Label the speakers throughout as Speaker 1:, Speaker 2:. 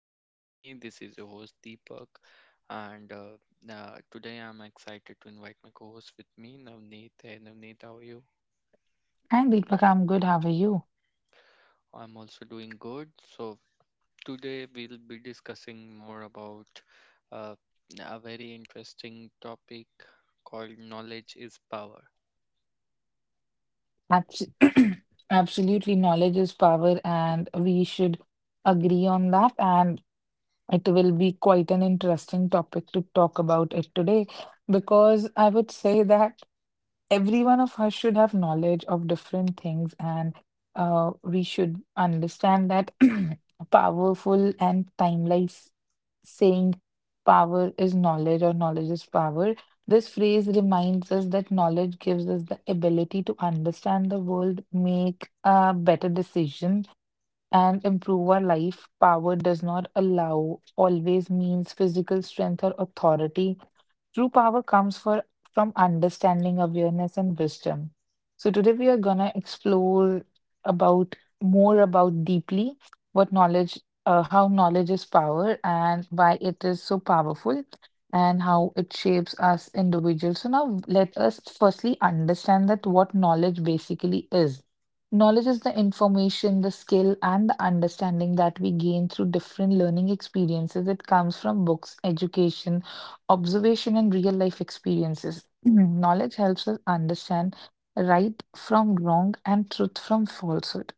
Speaker 1: Vibe with me. This is your host Deepak, and today I'm excited to invite my co-host with me, Navneet. Hey Navneet, how are you?
Speaker 2: Hi, Deepak. I'm good. How are you?
Speaker 1: I'm also doing good. So today we'll be discussing more about uh, a very interesting topic called knowledge is power.
Speaker 2: Abs Absolutely. Knowledge is power, and we should agree on that. And it will be quite an interesting topic to talk about it today because I would say that. Every one of us should have knowledge of different things and we should understand that powerful and timeless saying power is knowledge or knowledge is power. This phrase reminds us that knowledge gives us the ability to understand the world, make a better decision, and improve our life. Power does not allow, always means physical strength or authority. True power comes from understanding, awareness, and wisdom. So today we are gonna explore about more about deeply what knowledge, how knowledge is power, and why it is so powerful, and how it shapes us individuals. So now let us firstly understand that what knowledge basically is. Knowledge is the information, the skill, and the understanding that we gain through different learning experiences. It comes from books, education, observation, and real life experiences. Mhm. Knowledge helps us understand right from wrong and truth from falsehood.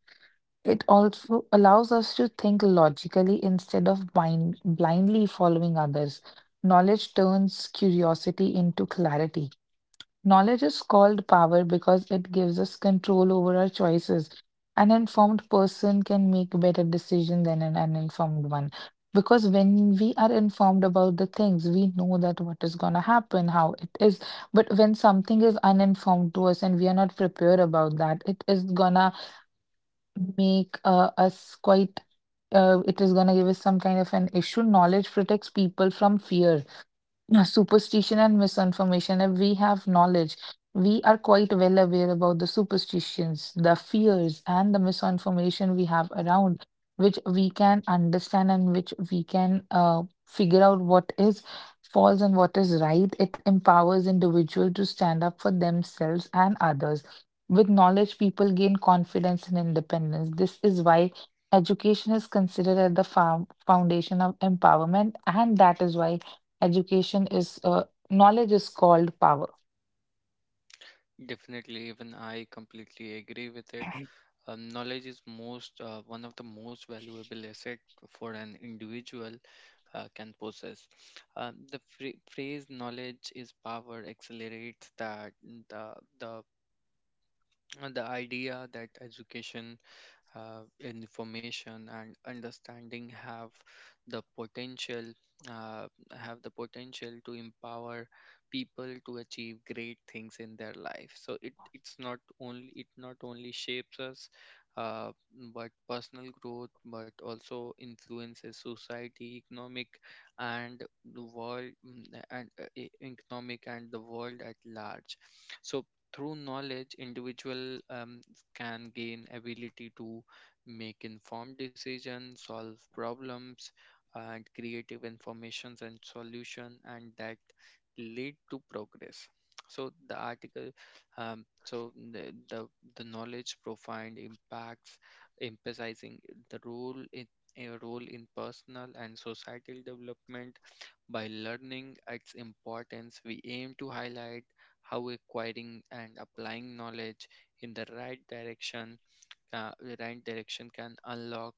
Speaker 2: It also allows us to think logically instead of blindly following others. Knowledge turns curiosity into clarity. Knowledge is called power because it gives us control over our choices. An informed person can make better decisions than an uninformed one. Because when we are informed about the things, we know that what is going to happen, how it is. But when something is uninformed to us and we are not prepared about that, it is going to make us quite, it is going to give us some kind of an issue. Knowledge protects people from fear, yeah, superstition and misinformation. If we have knowledge, we are quite well aware about the superstitions, the fears, and the misinformation we have around, which we can understand and which we can figure out what is false and what is right. It empowers individual to stand up for themselves and others. With knowledge, people gain confidence and independence. This is why education is considered as the foundation of empowerment, and that is why Education is knowledge is called power.
Speaker 1: Definitely, even I completely agree with it. Knowledge is most one of the most valuable asset for an individual can possess. Phrase "knowledge is power" accelerates that the the the idea that education, information and understanding have the potential, uh, have the potential to empower people to achieve great things in their life. So it not only shapes us, uh, but personal growth but also influences society, economic, and the world, economic and the world at large. So through knowledge, individual can gain ability to make informed decisions, solve problems, and creative informations and solution, and that lead to progress. So the article, so the knowledge profound impacts, emphasizing the role in a role in personal and societal development. By learning its importance, we aim to highlight how acquiring and applying knowledge in the right direction ca- the right direction can unlock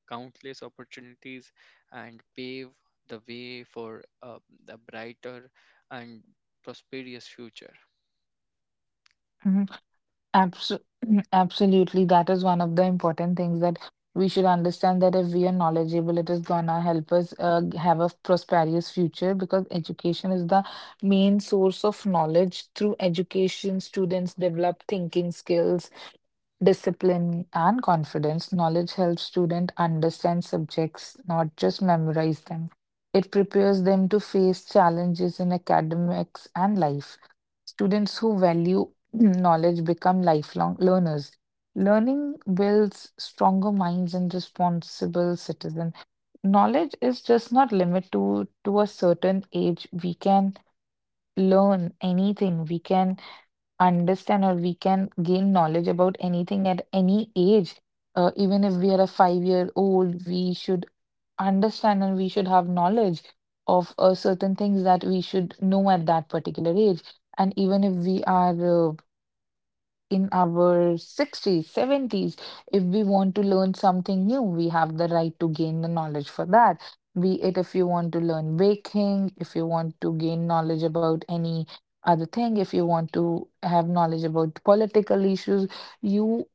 Speaker 1: countless opportunities and pave the way for a brighter and prosperous future.
Speaker 2: Mhm. Abso- absolutely, that is one of the important things that we should understand that if we are knowledgeable, it is gonna help us have a prosperous future because education is the main source of knowledge. Through education, students develop thinking skills, discipline and confidence, knowledge helps students understand subjects, not just memorize them. It prepares them to face challenges in academics and life. Students who value knowledge become lifelong learners. Learning builds stronger minds and responsible citizens. Knowledge is just not limited to a certain age. We can learn anything. We can understand or we can gain knowledge about anything at any age. Even if we are a 5 year old, we should understand and we should have knowledge of certain things that we should know at that particular age. And even if we are uh, in our 60s, 70s, if we want to learn something new, we have the right to gain the knowledge for that. Be it if you want to learn baking, if you want to gain knowledge about any other thing, if you want to have knowledge about political issues, you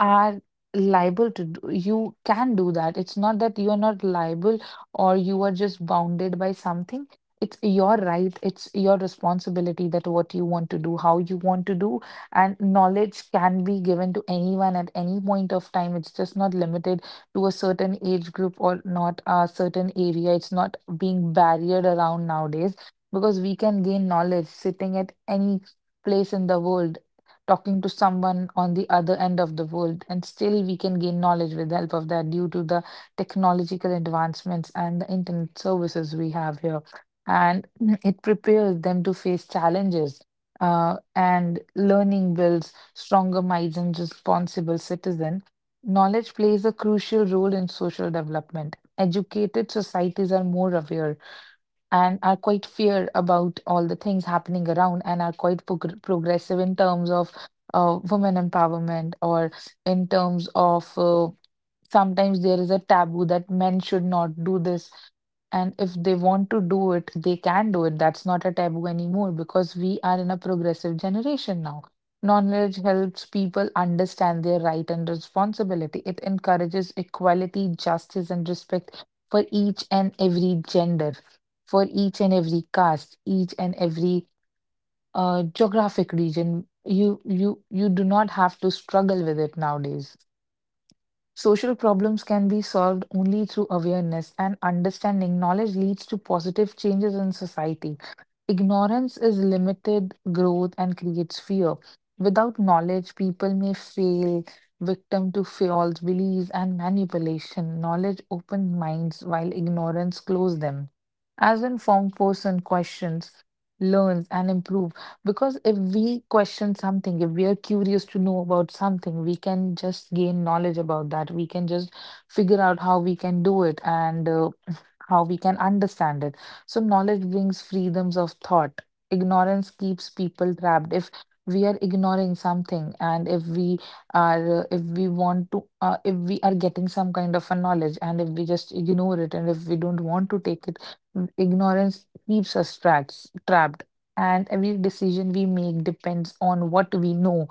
Speaker 2: are liable to do, you can do that. It's not that you are not liable or you are just bounded by something. It's your right, it's your responsibility that what you want to do, how you want to do, and knowledge can be given to anyone at any point of time. It's just not limited to a certain age group or not a certain area. It's not being barriered around nowadays because we can gain knowledge sitting at any place in the world talking to someone on the other end of the world, and still we can gain knowledge with the help of that due to the technological advancements and the internet services we have here. And it prepares them to face challenges. And learning builds stronger minds and responsible citizen. Knowledge plays a crucial role in social development. Educated societies are more aware and are quite fear about all the things happening around and are quite progressive in terms of women empowerment or in terms of sometimes there is a taboo that men should not do this. And if they want to do it, they can do it. That's not a taboo anymore because we are in a progressive generation now. Knowledge helps people understand their right and responsibility. It encourages equality, justice, and respect for each and every gender, for each and every caste, each and every geographic region. You do not have to struggle with it nowadays. Social problems can be solved only through awareness and understanding. Knowledge leads to positive changes in society. Ignorance is limited growth and creates fear. Without knowledge, people may fail, victim to false beliefs and manipulation. Knowledge opens minds while ignorance closes them. As an informed person questions, learns and improves. Because if we question something, if we are curious to know about something, we can just gain knowledge about that. We can just figure out how we can do it and how we can understand it. So, knowledge brings freedoms of thought. Ignorance keeps people trapped. If we are ignoring something and if we are if we are getting some kind of a knowledge and if we just ignore it and if we don't want to take it ignorance keeps us trapped and every decision we make depends on what we know.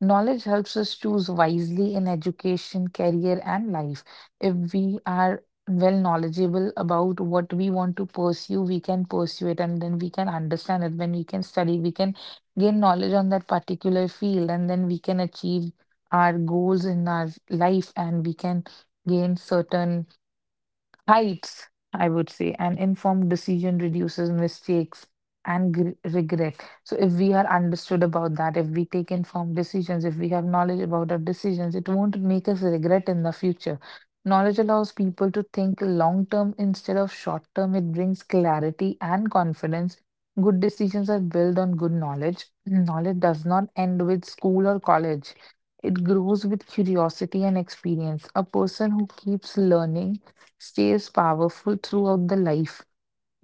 Speaker 2: Knowledge helps us choose wisely in education, career, and life. If we are well knowledgeable about what we want to pursue, we can pursue it and then we can understand it. When we can study, we can gain knowledge on that particular field and then we can achieve our goals in our life and we can gain certain heights, I would say. An informed decision reduces mistakes and gr regret. So, if we are understood about that, if we take informed decisions, if we have knowledge about our decisions, it won't make us regret in the future. Knowledge allows people to think long term instead of short term. It brings clarity and confidence. Good decisions are built on good knowledge. Knowledge does not end with school or college. It grows with curiosity and experience. A person who keeps learning stays powerful throughout the life.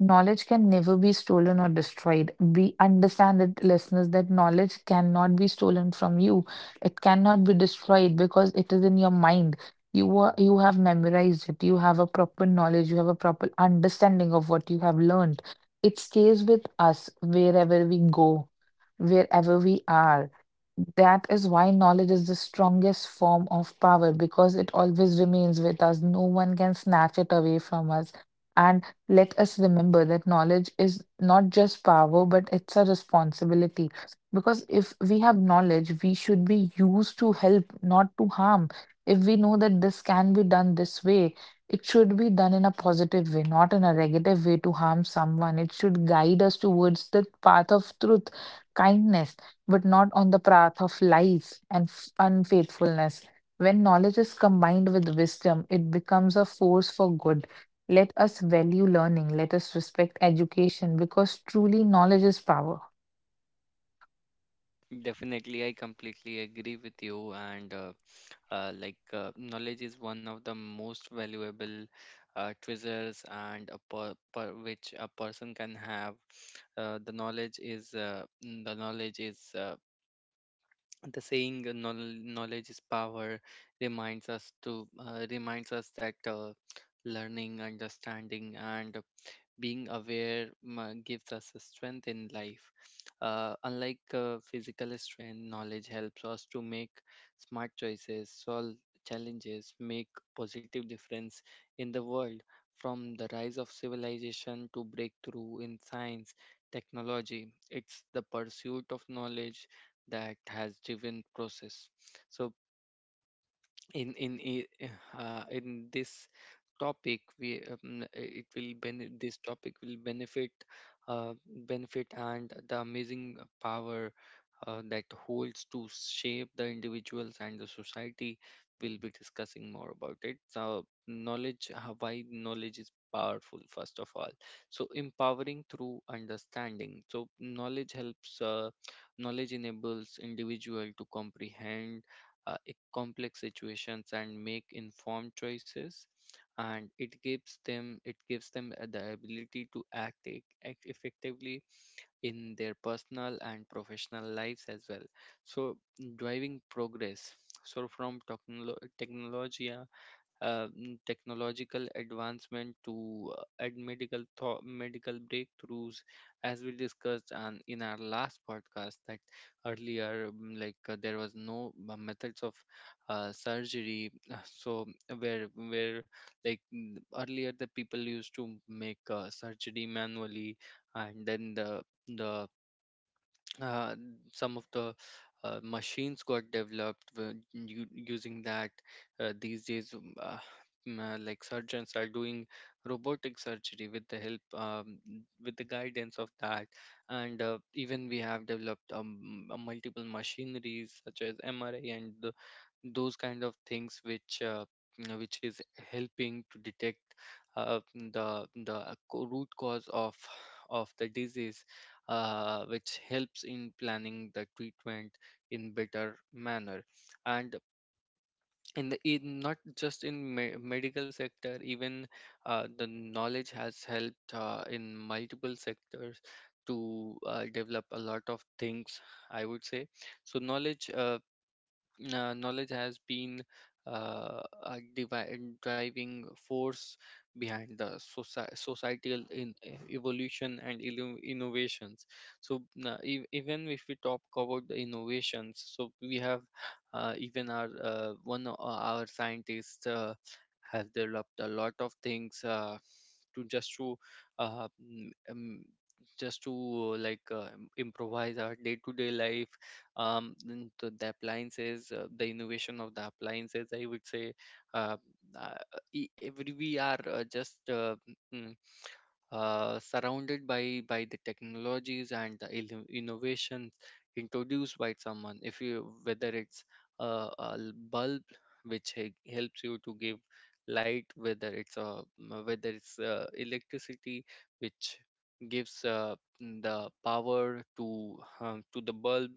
Speaker 2: Knowledge can never be stolen or destroyed. We understand it, listeners, that knowledge cannot be stolen from you. It cannot be destroyed because it is in your mind. You have memorized it. You have a proper knowledge. You have a proper understanding of what you have learned. It stays with us wherever we go, wherever we are. That is why knowledge is the strongest form of power because it always remains with us. No one can snatch it away from us. And let us remember that knowledge is not just power, but it's a responsibility. Because if we have knowledge, we should be used to help, not to harm. If we know that this can be done this way, it should be done in a positive way, not in a negative way to harm someone. It should guide us towards the path of truth, kindness, but not on the path of lies and unfaithfulness. When knowledge is combined with wisdom, it becomes a force for good. Let us value learning, let us respect education because truly knowledge is power.
Speaker 1: Definitely, I completely agree with you. Knowledge is one of the most valuable treasures, and which a person can have. The knowledge is, knowledge is power reminds us to, reminds us that, learning, understanding and being aware gives us a strength in life. Unlike physical strength, knowledge helps us to make smart choices, solve challenges, make positive difference in the world. From the rise of civilization to breakthrough in science, technology, it's the pursuit of knowledge that has driven process. So in in i- in this topic we, this topic will benefit, benefit and the amazing power that holds to shape the individuals and the society. We'll be discussing more about it. So knowledge, why knowledge is powerful first of all. So empowering through understanding. So knowledge enables individual to comprehend complex situations and make informed choices, and it gives them the ability to act, act effectively in their personal and professional lives as well. So driving progress. So from technology, technological advancement to, and medical medical breakthroughs, as we discussed and in our last podcast, that earlier, there was no methods of surgery. Where where Earlier the people used to make surgery manually, and then the uh, some of the machines got developed using that. These days, like surgeons are doing robotic surgery with the help with the guidance of that. And even we have developed, multiple machineries such as mri and those kind of things which, you which is helping to detect the root cause of the disease, which helps in planning the treatment in better manner. And in the, in not just in medical sector, even the knowledge has helped in multiple sectors to develop a lot of things, I would say. So knowledge has been a driving force behind the societal in evolution and innovations. So even if we talk about the innovations, so we have, even our, one of our scientists, has developed a lot of things, to just to mm, just to, improvise our day-to-day life, to the appliances, the innovation of the appliances, I would say. Uh, uh, e- every we are, mm, surrounded by the technologies and the innovations introduced by someone. If you whether it's, uh, bulb which helps you to give light, whether it's electricity which gives the power to, to the bulb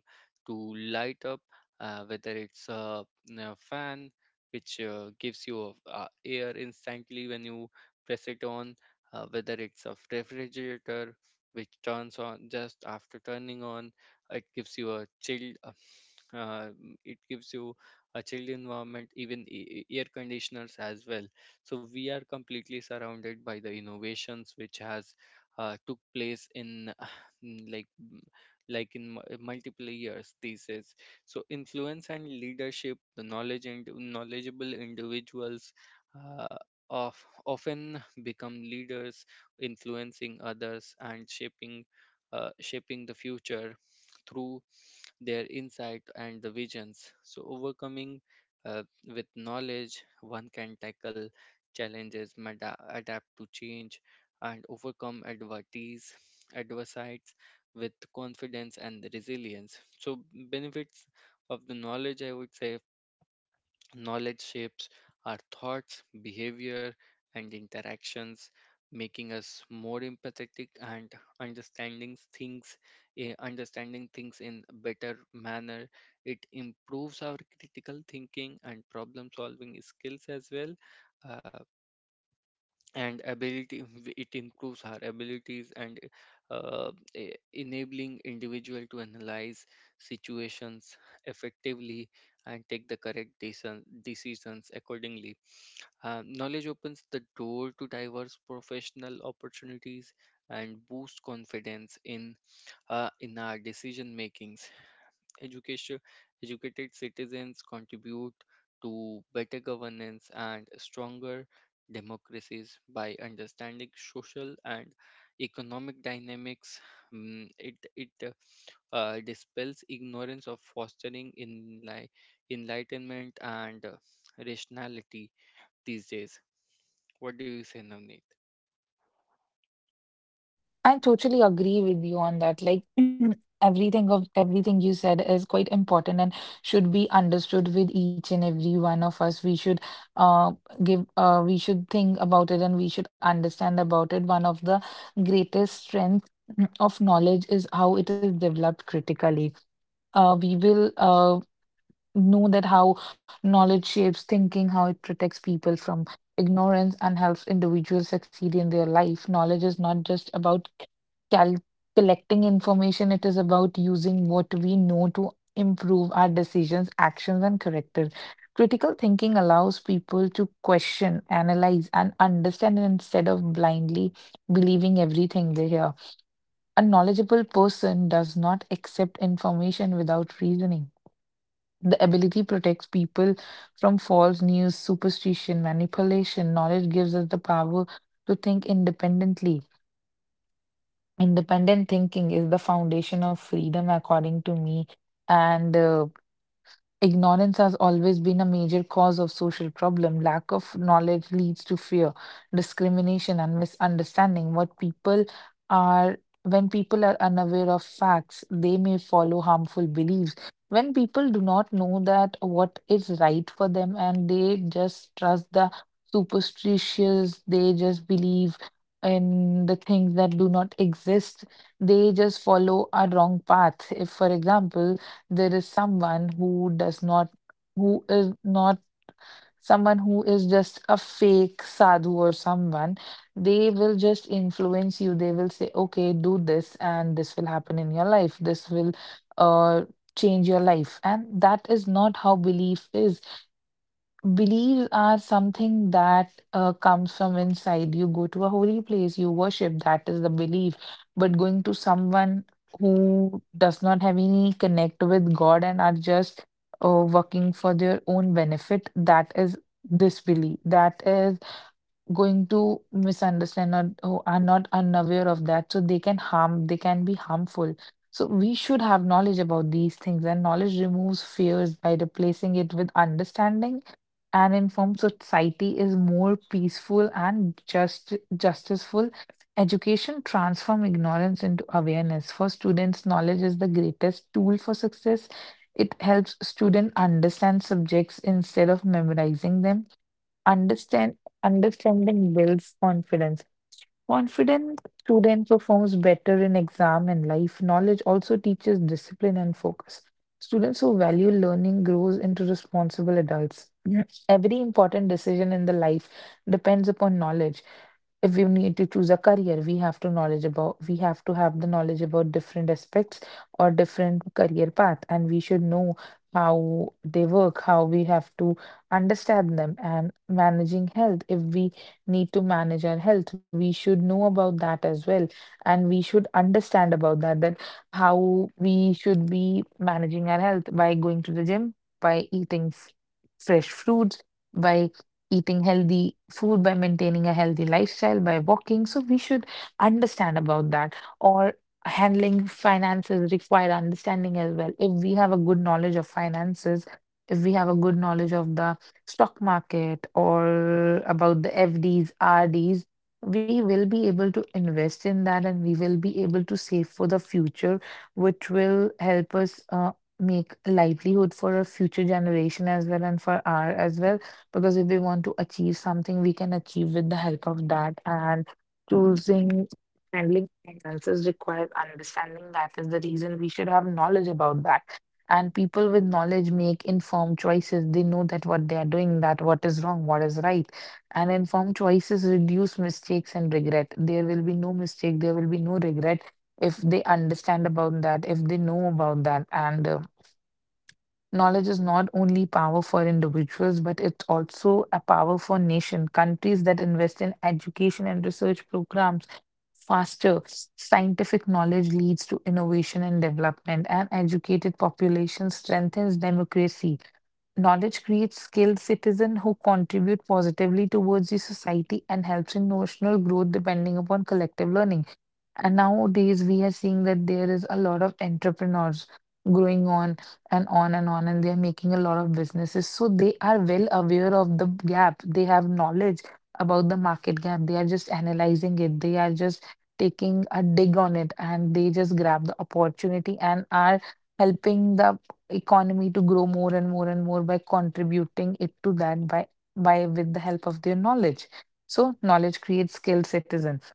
Speaker 1: to light up, whether it's a fan which gives you air instantly when you press it on, whether it's a refrigerator which turns on just after turning on, it gives you a chill. Uh, it gives you a chilled environment, even air conditioners as well. So we are completely surrounded by the innovations which has took place in mm, like multiple years thesis. So influence and leadership, the knowledge and knowledgeable individuals, uh, of often become leaders, influencing others and shaping the future through their insight and the visions. So, overcoming, with knowledge, one can tackle challenges, adapt to change, and overcome adversities with confidence and resilience. So, benefits of the knowledge, I would say, knowledge shapes our thoughts, behavior, and interactions, making us more empathetic and understanding things, understanding things in a better manner. It improves our critical thinking and problem solving skills as well. Uh, and ability it improves our abilities and, enabling individual to analyze situations effectively and take the correct decisions accordingly. Knowledge opens the door to diverse professional opportunities and boost confidence in, in our decision making. Education, educated citizens contribute to better governance and stronger democracies by understanding social and economic dynamics. It dispels ignorance of fostering in like enlightenment and rationality these days. What do you say, Navneet?
Speaker 2: I totally agree with you on that. Like everything you said is quite important and should be understood with each and every one of us. We should uh give we should think about it and we should understand about it. One of the greatest strength of knowledge is how it is developed critically. We will know that how knowledge shapes thinking, how it protects people from ignorance, and helps individuals succeed in their life. Knowledge is not just about cal- collecting information, it is about using what we know to improve our decisions, actions, and character. Critical thinking allows people to question, analyze, and understand instead of blindly believing everything they hear. A knowledgeable person does not accept information without reasoning. The ability protects people from false news, superstition, manipulation. Knowledge gives us the power to think independently. Independent thinking is the foundation of freedom, according to me. And Ignorance has always been a major cause of social problem. Lack of knowledge leads to fear, discrimination, and misunderstanding. What people are when people are unaware of facts, they may follow harmful beliefs. When people do not know that what is right for them and they just trust the superstitious, they just believe in the things that do not exist, they just follow a wrong path. If, for example, there is someone who does not who is not someone who is just a fake sadhu or someone, they will just influence you. They will say, okay, do this and this will happen in your life. This will uh change your life, and that is not how belief is. Beliefs are something that comes from inside. You go to a holy place, you worship, that is the belief. But going to someone who does not have any connect with God and are just working for their own benefit, that is disbelief. That is going to misunderstand or who are not unaware of that. So they can harm, they can be harmful. So we should have knowledge about these things, and knowledge removes fears by replacing it with understanding. An informed So society is more peaceful and just justiceful. Education transforms ignorance into awareness. For students, knowledge is the greatest tool for success. It helps students understand subjects instead of memorizing them. Understand understanding builds confidence. Confident student performs better in exam and life. Knowledge also teaches discipline and focus. Students who value learning grows into responsible adults. Yes. Every important decision in the life depends upon knowledge. If we need to choose a career, we have to have the knowledge about different aspects or different career path, and we should know how they work, how we have to understand them, and managing health. If we need to manage our health, we should know about that as well. And we should understand about that, that how we should be managing our health by going to the gym, by eating fresh fruits, by eating healthy food, by maintaining a healthy lifestyle, by walking. So we should understand about that. Or handling finances require understanding as well. If we have a good knowledge of finances, if we have a good knowledge of the stock market or about the FDs, RDs, we will be able to invest in that and we will be able to save for the future, which will help us make a livelihood for a future generation as well and for our as well. Because if we want to achieve something, we can achieve with the help of that. And choosing handling finances requires understanding. That is the reason we should have knowledge about that, and people with knowledge make informed choices. They know that what they are doing, that what is wrong, what is right, and informed choices reduce mistakes and regret. There will be no mistake, there will be no regret if they understand about that, if they know about that, and knowledge is not only power for individuals, but it's also a power for nation. Countries that invest in education and research programs faster. Scientific knowledge leads to innovation and development, and educated population strengthens democracy. Knowledge creates skilled citizens who contribute positively towards the society and helps in notional growth depending upon collective learning. And nowadays, we are seeing that there is a lot of entrepreneurs growing on and on and on, and they are making a lot of businesses. So they are well aware of the gap. They have knowledge about the market gap. They are just analyzing it. They are just taking a dig on it, and they just grab the opportunity and are helping the economy to grow more and more and more by contributing it to that, by with the help of their knowledge. So knowledge creates skilled citizens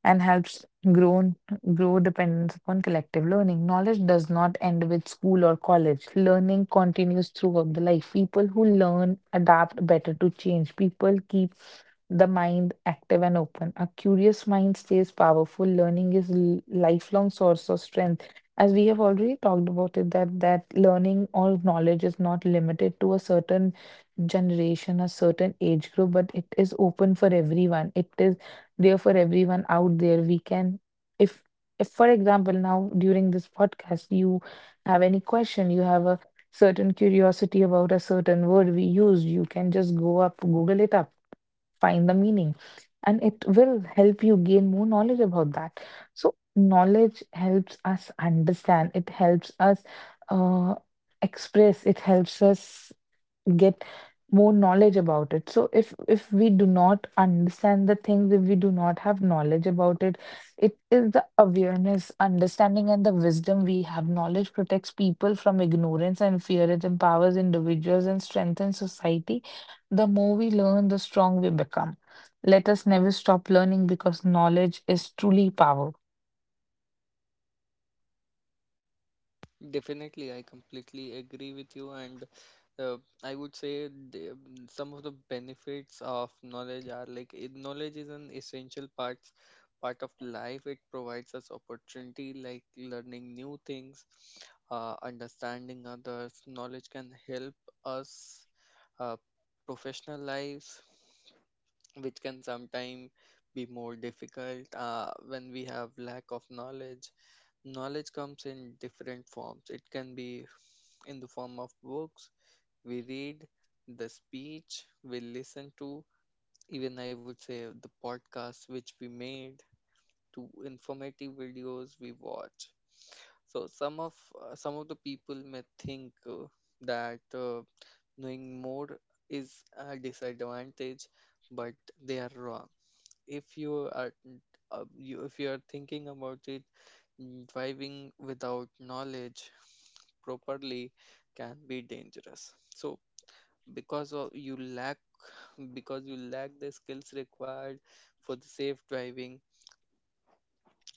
Speaker 2: and helps grown grow dependence upon collective learning. Knowledge does not end with school or college. Learning continues throughout the life. People who learn adapt better to change. People keep the mind active and open. A curious mind stays powerful. Learning is lifelong source of strength. As we have already talked about it, that learning or knowledge is not limited to a certain generation, a certain age group, but it is open for everyone. It is there for everyone out there. We can, if, if for example, now during this podcast, you have any question, you have a certain curiosity about a certain word we use, you can just go up, Google it up, find the meaning, and it will help you gain more knowledge about that. So, knowledge helps us understand, it helps us uh, express, it helps us get more knowledge about it. So if we do not understand the things, if we do not have knowledge about it, it is the awareness, understanding, and the wisdom we have. Knowledge protects people from ignorance and fear. It empowers individuals and strengthens society. The more we learn, the strong we become. Let us never stop learning because knowledge is truly power.
Speaker 1: Definitely, I completely agree with you, and, uh, I would say some of the benefits of knowledge are knowledge is an essential part of life. It provides us opportunity, like learning new things, understanding others. Knowledge can help us uh, professional lives, which can sometimes be more difficult when we have lack of knowledge. Knowledge comes in different forms. It can be in the form of books we read, the speech we listen to, even I would say the podcasts which we made, to informative videos we watch. So some of the people may think that knowing more is a disadvantage, but they are wrong. If you are, if you are thinking about it, driving without knowledge properly can be dangerous. So because of you lack because you lack the skills required for the safe driving,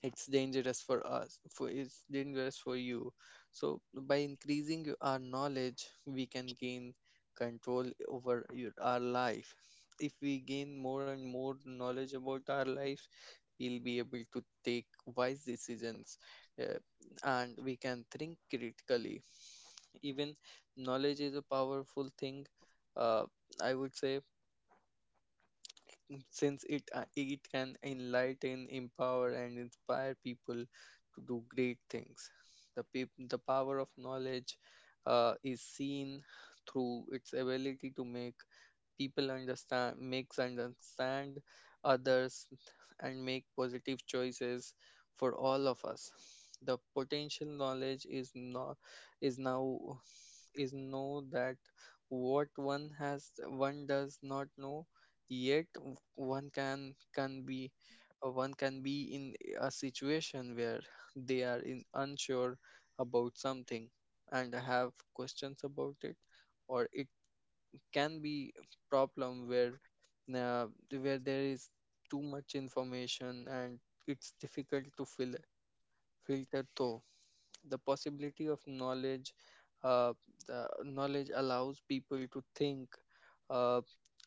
Speaker 1: it's dangerous for you. So by increasing our knowledge, we can gain control over our life. If we gain more and more knowledge about our lives, we'll be able to take wise decisions, uh, and we can think critically. Even knowledge is a powerful thing, uh, I would say, since it can enlighten, empower, and inspire people to do great things. The power of knowledge is seen through its ability to make people understand, makes understand others, and make positive choices for all of us. The potential knowledge is not is now is Know that what one has, one does not know yet. One can be, one can be in a situation where they are in unsure about something and have questions about it, or it can be problem where, uh, where there is too much information and it's difficult to filter through the possibility of knowledge. Uh, the knowledge allows people to think, uh,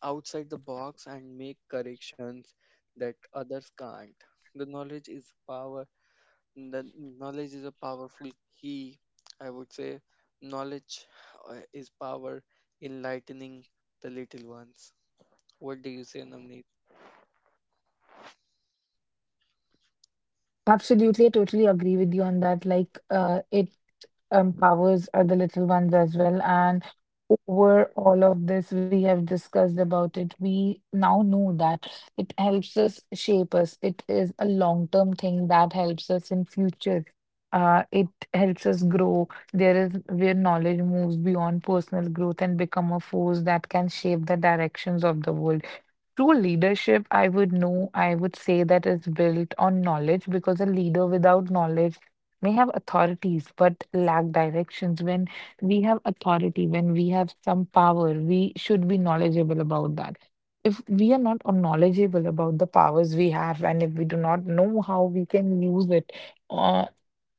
Speaker 1: outside the box and make corrections that others can't. The knowledge is power. The knowledge is a powerful key, I would say. Knowledge, is power, enlightening the little ones. What do you say, Namneet?
Speaker 2: Absolutely, I totally agree with you on that. Like, it empowers other little ones as well. And over all of this, we have discussed about it. We now know that it helps us shape us. It is a long-term thing that helps us in future. It helps us grow. There is where knowledge moves beyond personal growth and become a force that can shape the directions of the world. True leadership, I would say that is built on knowledge because a leader without knowledge may have authorities but lack directions. When we have authority, when we have some power, we should be knowledgeable about that. If we are not knowledgeable about the powers we have and if we do not know how we can use it uh,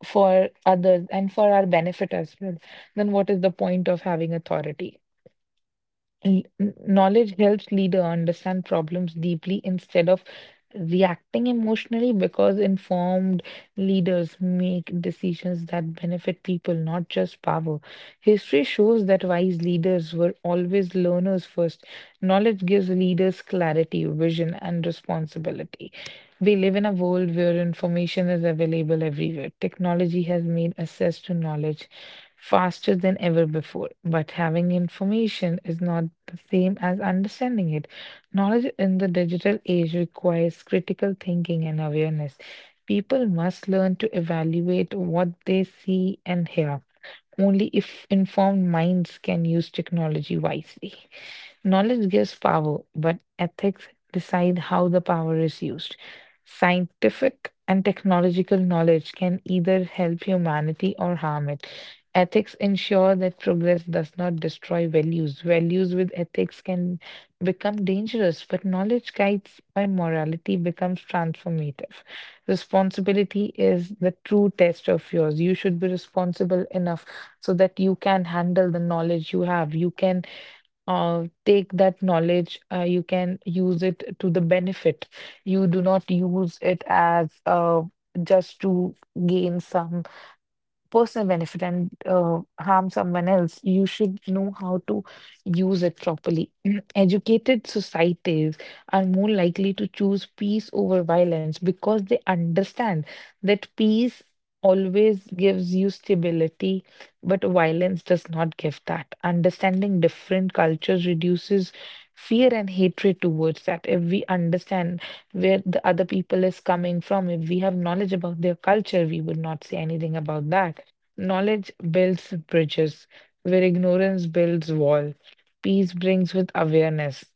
Speaker 2: for others and for our benefit as well, then what is the point of having authority? And knowledge helps leader understand problems deeply instead of reacting emotionally because informed leaders make decisions that benefit people, not just power. History shows that wise leaders were always learners first. Knowledge gives leaders clarity, vision, and responsibility. We live in a world where information is available everywhere. Technology has made access to knowledge faster than ever before. But having information is not the same as understanding it. Knowledge in the digital age requires critical thinking and awareness. People must learn to evaluate what they see and hear. Only if informed minds can use technology wisely. Knowledge gives power, but ethics decide how the power is used. Scientific and technological knowledge can either help humanity or harm it. Ethics ensure that progress does not destroy values. Values with ethics can become dangerous, but knowledge guides by morality becomes transformative. Responsibility is the true test of yours. You should be responsible enough so that you can handle the knowledge you have. You can take that knowledge, you can use it to the benefit. You do not use it as just to gain some personal benefit and harm someone else. You should know how to use it properly. Educated societies are more likely to choose peace over violence because they understand that peace always gives you stability, but violence does not give that. Understanding different cultures reduces fear and hatred towards that. If we understand where the other people is coming from, if we have knowledge about their culture, we would not say anything about that. Knowledge builds bridges where ignorance builds wall. Peace brings with awareness.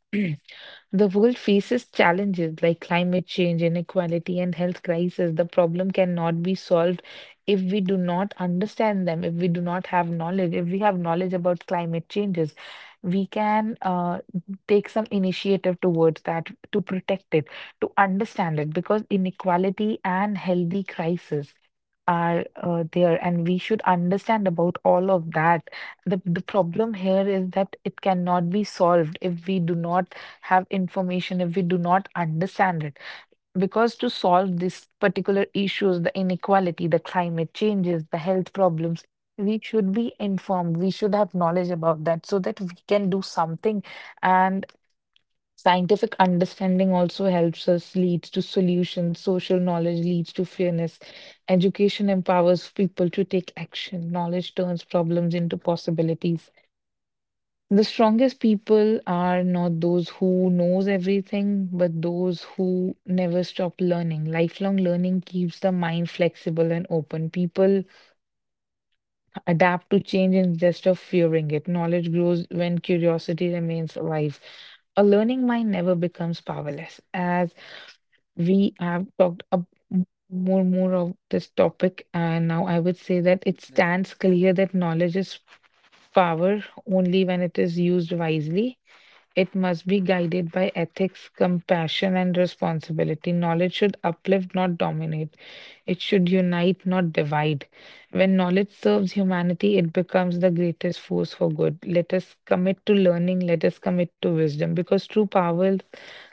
Speaker 2: The world faces challenges like climate change, inequality, and health crisis. The problem cannot be solved if we do not understand them, if we do not have knowledge. If we have knowledge about climate changes, we can take some initiative towards that to protect it, to understand it, because inequality and healthy crisis are there, and we should understand about all of that. The problem here is that it cannot be solved if we do not have information, if we do not understand it. Because to solve these particular issues, the inequality, the climate changes, the health problems, we should be informed. We should have knowledge about that so that we can do something. And scientific understanding also helps us leads to solutions, social knowledge leads to fairness, education empowers people to take action, knowledge turns problems into possibilities. The strongest people are not those who knows everything, but those who never stop learning. Lifelong learning keeps the mind flexible and open. People adapt to change instead of fearing it. Knowledge grows when curiosity remains alive. A learning mind never becomes powerless. As we have talked m- more of this topic, and now I would say that it stands clear that knowledge is power only when it is used wisely. It must be guided by ethics, compassion, and responsibility. Knowledge should uplift, not dominate. It should unite, not divide. When knowledge serves humanity, it becomes the greatest force for good. Let us commit to learning, let us commit to wisdom, because true power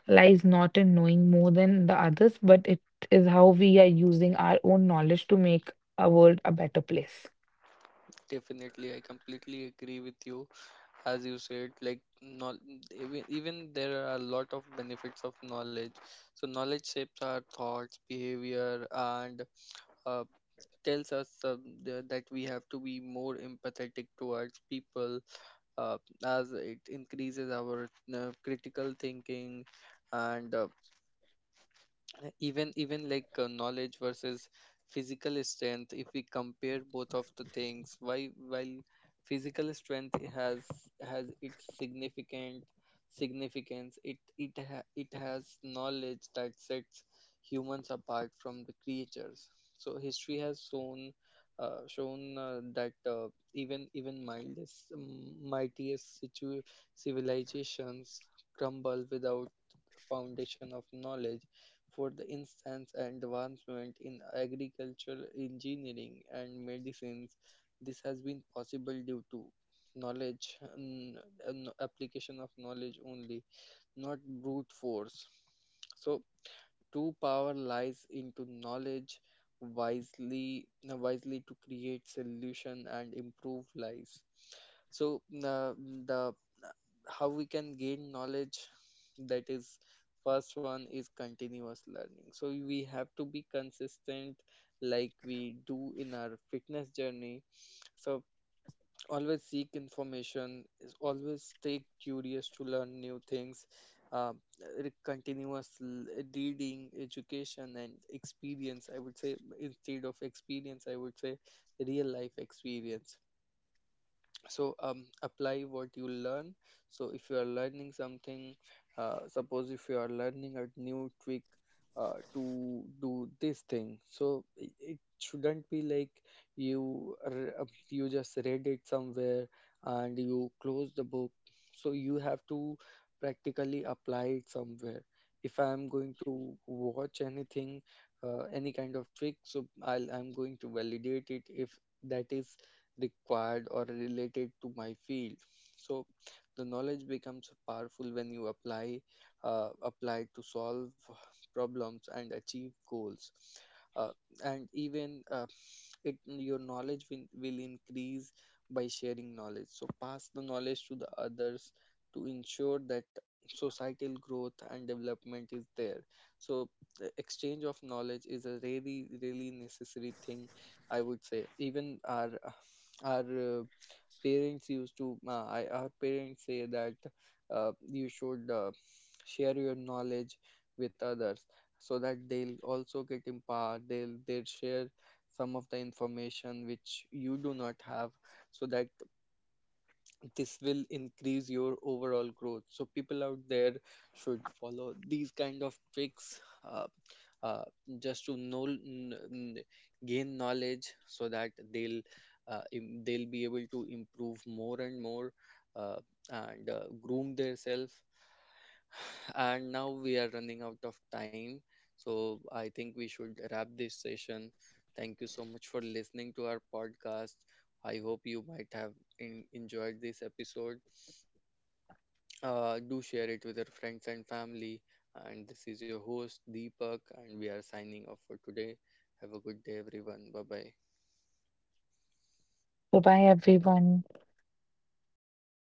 Speaker 2: lies not in knowing more than the others, but it is how we are using our own knowledge to make our world a better place.
Speaker 1: Definitely, I completely agree with you. As you said, like not even, even there are a lot of benefits of knowledge. So knowledge shapes our thoughts, behavior, and, uh, tells us, that we have to be more empathetic towards people. Uh, as it increases our, critical thinking, and, even even like knowledge versus physical strength, if we compare both of the things, why while physical strength has its significant significance, it has knowledge that sets humans apart from the creatures. So history has shown that even mildest mightiest civilizations crumble without foundation of knowledge. For the instance, advancement in agricultural engineering and medicines. This has been possible due to knowledge, an application of knowledge only, not brute force. So, true power lies into knowledge, wisely to create solution and improve lives. So the how we can gain knowledge, that is, first one is continuous learning. So we have to be consistent like we do in our fitness journey. So always seek information, is always stay curious to learn new things. uh, re- continuous l- Reading, education and experience. I would say instead of experience I would say real life experience. So, apply what you learn. So if you are learning something, suppose if you are learning a new trick, to do this thing. So it shouldn't be like you, you just read it somewhere and you close the book. So you have to practically apply it somewhere. If I am going to watch anything, any kind of trick, so I'm going to validate it if that is required or related to my field. So the knowledge becomes powerful when you apply, apply to solve problems and achieve goals. Uh, and even uh, it your knowledge will increase by sharing knowledge. So pass the knowledge to the others to ensure that societal growth and development is there. So the exchange of knowledge is a really really necessary thing, I would say. Even our parents used to I, our parents say that, you should, share your knowledge with others so that they'll also get empowered. They'll share some of the information which you do not have, so that this will increase your overall growth. So people out there should follow these kind of tricks, uh, uh, just to gain knowledge so that they'll be able to improve more and more, uh, and groom themselves. and now we are running out of time, so I think we should wrap this session. Thank you so much for listening to our podcast. I hope you might have enjoyed this episode. Do share it with your friends and family. And this is your host, Deepak, and we are signing off for today. Have a good day, everyone. Bye bye.
Speaker 2: Bye bye, everyone.